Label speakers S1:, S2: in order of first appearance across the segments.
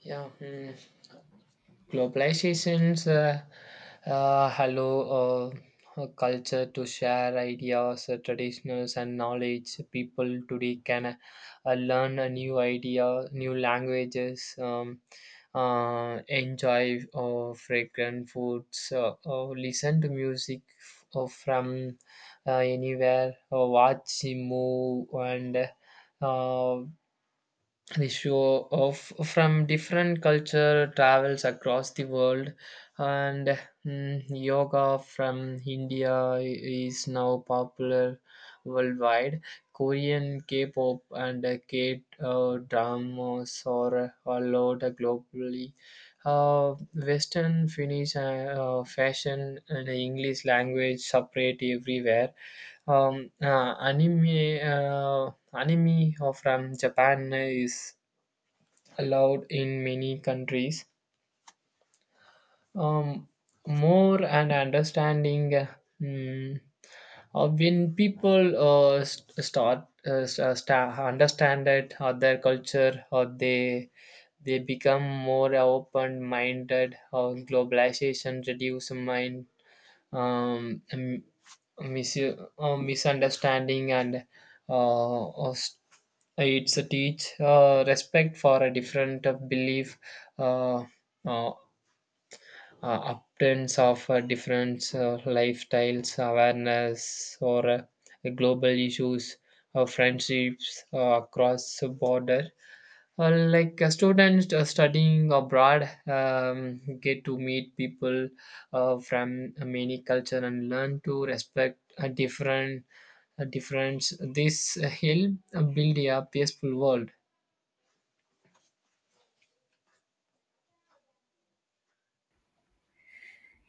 S1: Yeah, mm. Globalization's hello, a culture to share ideas, traditions, and knowledge. People today can learn a new idea, new languages, enjoy fragrant foods, listen to music from anywhere, watch, a move, and uh, the show of from different culture travels across the world. And yoga from India is now popular worldwide. Korean K-pop and K-dramas are allowed globally. uh, Western Finnish fashion and English language separate everywhere. um, uh, anime uh, Anime from Japan is allowed in many countries. Um, More and understanding. Mm, when people understand that other culture, or they become more open minded, or globalization reduce mind, um, mis- misunderstanding, and uh, uh, s- it's a teach respect for a different belief, uh, uh, upturns of different lifestyles, awareness or global issues, friendships across the border. Like a student studying abroad, get to meet people from many culture and learn to respect a different, a difference, this help build a peaceful world.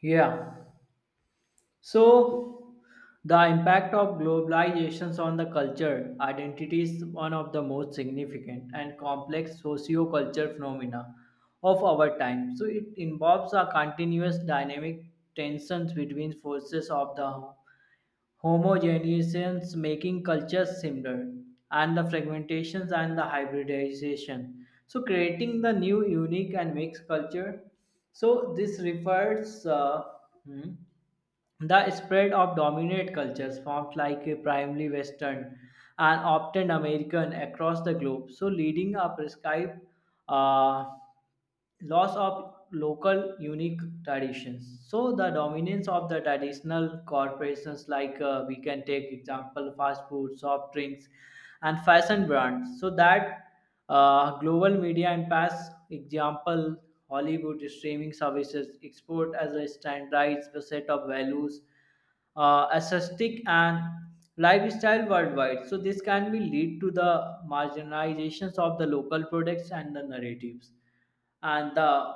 S2: Yeah. So the impact of globalizations on the culture identity is one of the most significant and complex socio-cultural phenomena of our time. So it involves a continuous dynamic tensions between forces of the homogeneizations making cultures similar and the fragmentations and the hybridization. So creating the new unique and mixed culture. So this refers hmm, the spread of dominant cultures, forms like a primarily Western and often American, across the globe, so leading a prescribed uh, loss of local unique traditions so the dominance of the traditional corporations like we can take example fast food soft drinks and fashion brands so that global media and past example Hollywood streaming services export as a standardized set of values aesthetic and lifestyle worldwide so this can be lead to the marginalizations of the local products and the narratives and the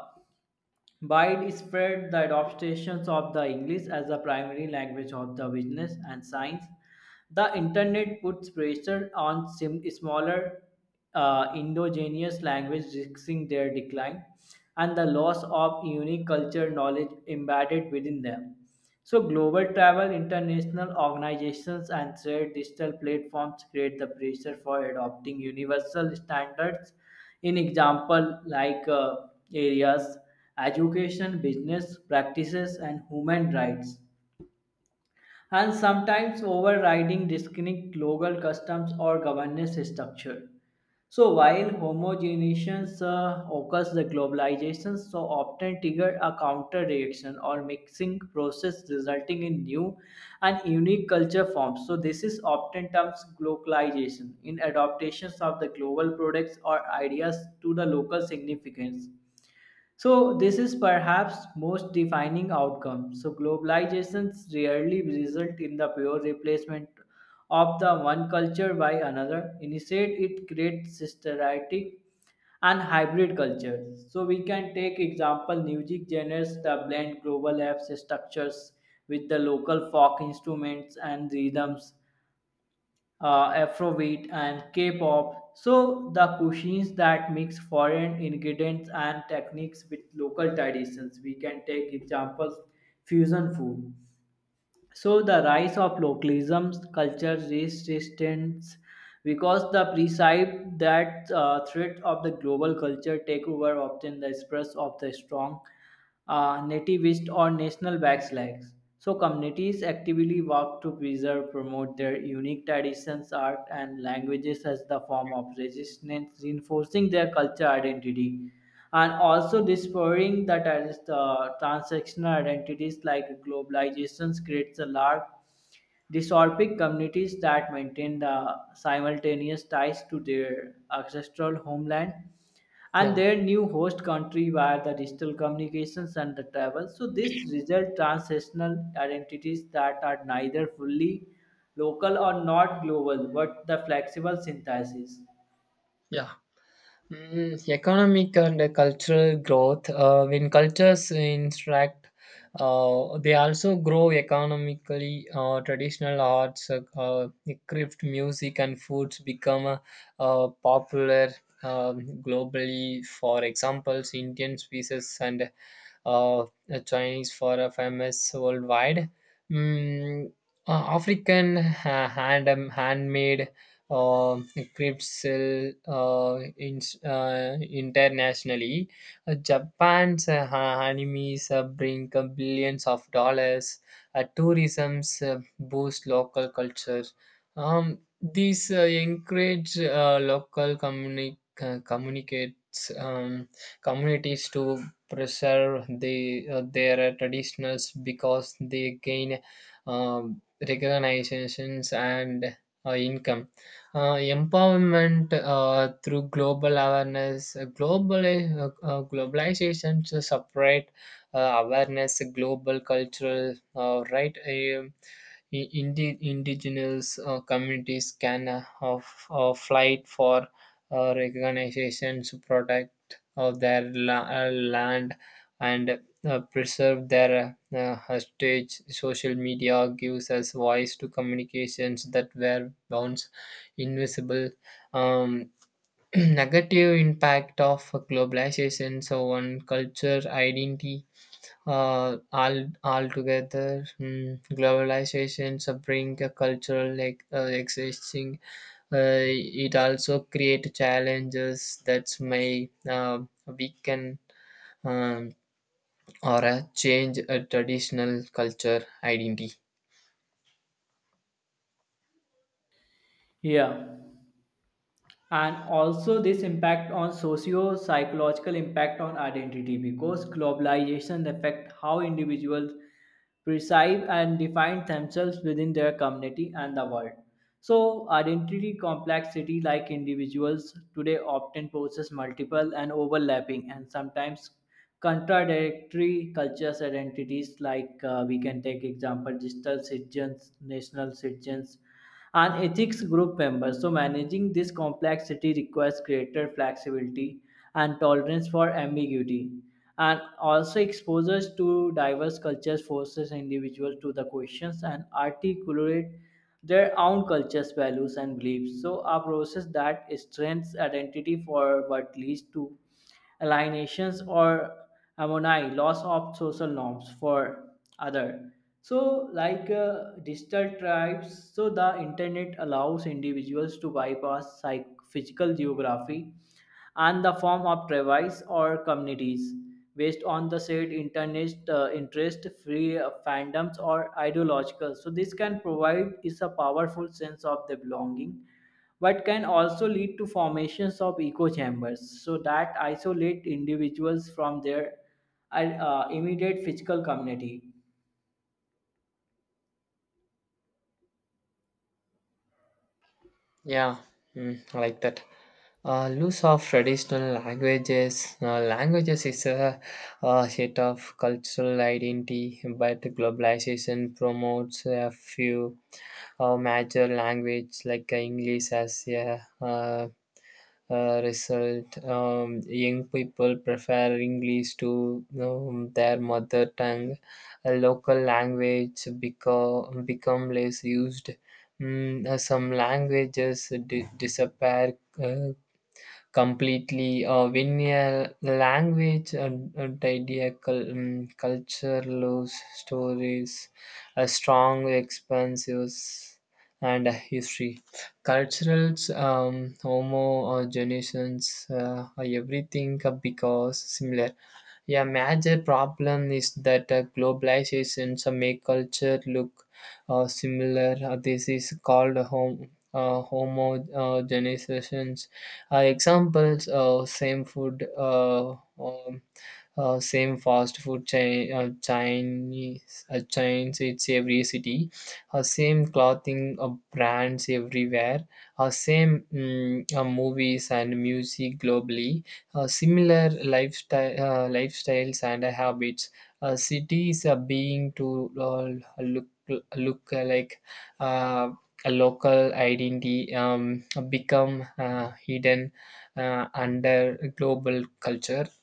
S2: widespread the adoption of the English as the primary language of the business and science. The internet puts pressure on smaller indigenous languages, risking their decline and the loss of unique culture knowledge embedded within them. So, global travel, international organizations, and shared digital platforms create the pressure for adopting universal standards in example, like areas, education, business practices, and human rights, and sometimes overriding distinct local customs or governance structure. So while homogenization occurs, the globalization so often trigger a counter reaction or mixing process resulting in new and unique culture forms. So this is often termed globalization in adaptations of the global products or ideas to the local significance. So this is perhaps most defining outcome. So globalizations rarely result in the pure replacement of the one culture by another. Instead, it creates systematic and hybrid cultures. So we can take example music genres that blend global apps structures with the local folk instruments and rhythms Afrobeat, and K-pop. So the cuisines that mix foreign ingredients and techniques with local traditions. We can take examples fusion food. So the rise of localism, culture resistance, because the perceived that threat of the global culture takeover often the express of the strong nativist or national backslags. So communities actively work to preserve, promote their unique traditions, art, and languages as the form of resistance, reinforcing their culture identity and also dispowering the transactional identities like globalizations creates a large dystopic communities that maintain the simultaneous ties to their ancestral homeland and
S1: Yeah,
S2: their new host country via the digital communications and the travel so this result transnational identities that are neither fully local or not global but the flexible synthesis.
S1: yeah. Mm, economic and cultural growth. When cultures interact, they also grow economically. Traditional arts, craft music, and foods become popular um globally. For examples, Indian spices and uh, Chinese for a famous worldwide. Mm, uh, African hand, handmade uh, crepes sell in, internationally. Japan's animes bring billions of dollars. Tourism's boost local culture. These encourage local communicates. Communities to preserve the, their traditionals because they gain um, recognitions and income. Empowerment through global awareness, global globalization to separate awareness, global cultural right. Indigenous communities can fight for recognition, protect of their land and preserve their heritage. Social media gives us voice to communications that were once invisible. Um, negative impact of globalization, so on culture, identity, all altogether. Globalization so bring a cultural like existing, it also create challenges that may weaken, um, or a change a traditional culture identity.
S2: Yeah, and also this impact on socio-psychological impact on identity because globalization affect how individuals perceive and define themselves within their community and the world so identity complexity like individuals today often possess multiple and overlapping and sometimes contradictory cultures identities like we can take example digital citizens national citizens and ethics group members. So, managing this complexity requires greater flexibility and tolerance for ambiguity. And also, exposures to diverse cultures forces individuals to the questions and articulate their own culture's values and beliefs. So, a process that strengthens identity for what leads to alienations or harmony, loss of social norms for other. So, like digital tribes, so the internet allows individuals to bypass physical geography and the form of tribes or communities based on the said internet interest, free fandoms or ideological. So, this can provide is a powerful sense of the belonging but can also lead to formations of echo chambers so that isolate individuals from their immediate physical community.
S1: Yeah. Mm, I like that. Loss of traditional languages. Languages is a set of cultural identity, but globalization promotes a few major language like English as a result. Young people prefer English to their mother tongue. A local language become less used. Some languages disappear completely when a language and idea culture loves stories, a strong expanses and a history, cultural homogeneous everything because similar. A major problem is that globalization so make culture look similar. This is called home. Homogenization, examples, same food, um, same fast food chain, Chinese chains it's every city, same clothing brands everywhere, same movies and music globally, similar lifestyle, lifestyles and habits. Cities are being to look look like uh, a local identity, become hidden under global culture.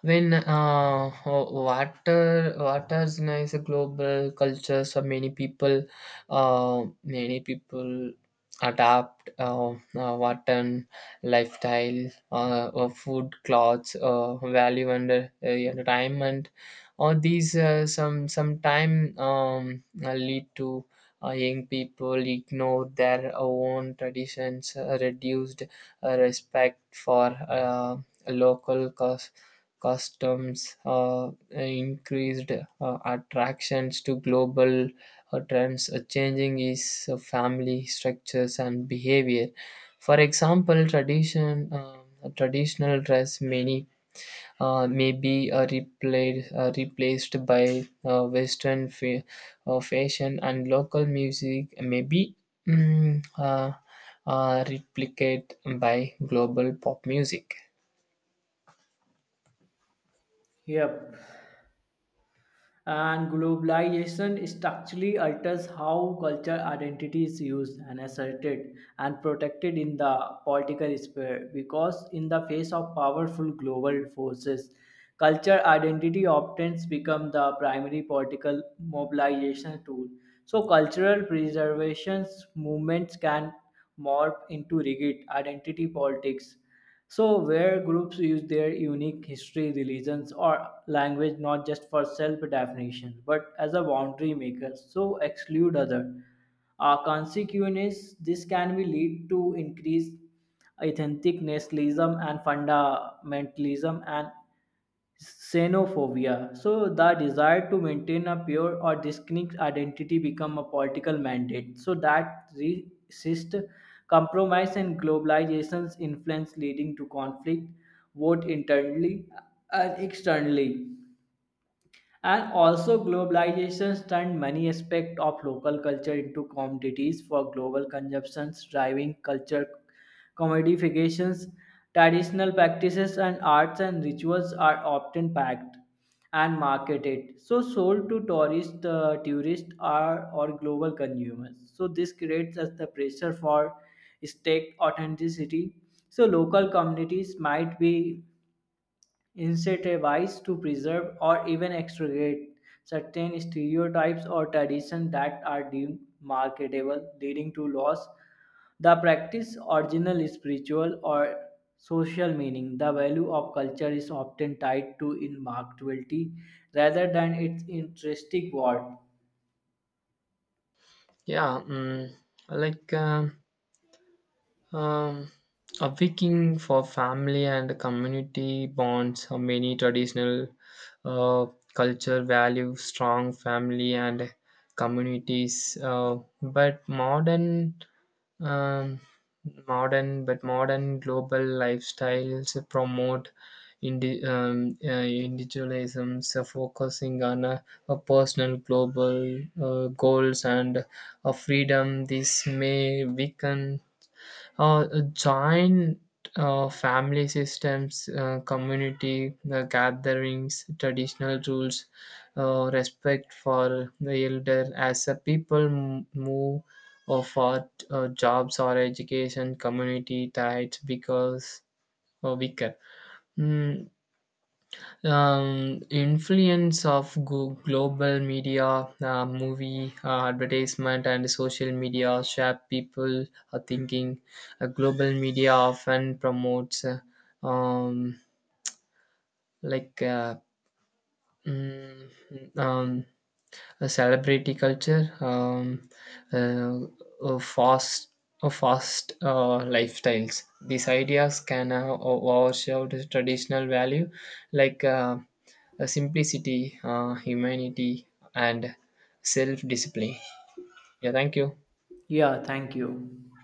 S1: When water waters is nice, a global culture, so many people adapt water lifestyle, food, clothes, value and entertainment. All these some sometime lead to young people ignore their own traditions, reduced respect for local cause customs, increased attractions to global trends, changing is family structures and behavior. For example, tradition, traditional dress many may be replaced by western fashion, and local music may be mm, uh, replicated by global pop music.
S2: Yep. And globalization structurally alters how cultural identity is used and asserted and protected in the political sphere because, in the face of powerful global forces, culture identity often becomes the primary political mobilization tool. So, cultural preservation movements can morph into rigid identity politics so, where groups use their unique history, religions, or language not just for self definition but as a boundary maker, so exclude other. Consequence, this can be lead to increased authentic nationalism and fundamentalism and xenophobia. So the desire to maintain a pure or distinct identity become a political mandate. So that resist compromise and globalization's influence leading to conflict both internally and externally. And also, globalization turned many aspects of local culture into commodities for global consumptions, driving culture commodifications. Traditional practices and arts and rituals are often packed and marketed, so sold to tourists, are or global consumers. So this creates us the pressure for state authenticity. So local communities might be incentivized to preserve or even extricate certain stereotypes or traditions that are deemed marketable, leading to loss. The practice original spiritual or social meaning. The value of culture is often tied to in marketability rather than its intrinsic worth.
S1: Yeah. Like Um, a Viking for family and community bonds. Many traditional uh, culture value strong family and communities, but modern, um, modern, but modern global lifestyles promote indi- um, uh, individualism, so focusing on a personal global goals and a freedom. This may weaken joint family systems, community gatherings, traditional rules, respect for the elder as a people move or for jobs or education, community ties because weaker. Mm, influence of global media, movie, advertisement, and social media shape people thinking. Global media often promotes, um, like mm, um, a celebrity culture, uh, a fast, a fast lifestyles. These ideas can overshadow the traditional value like simplicity, humanity, and self-discipline. Yeah, thank you.
S2: Yeah, thank you.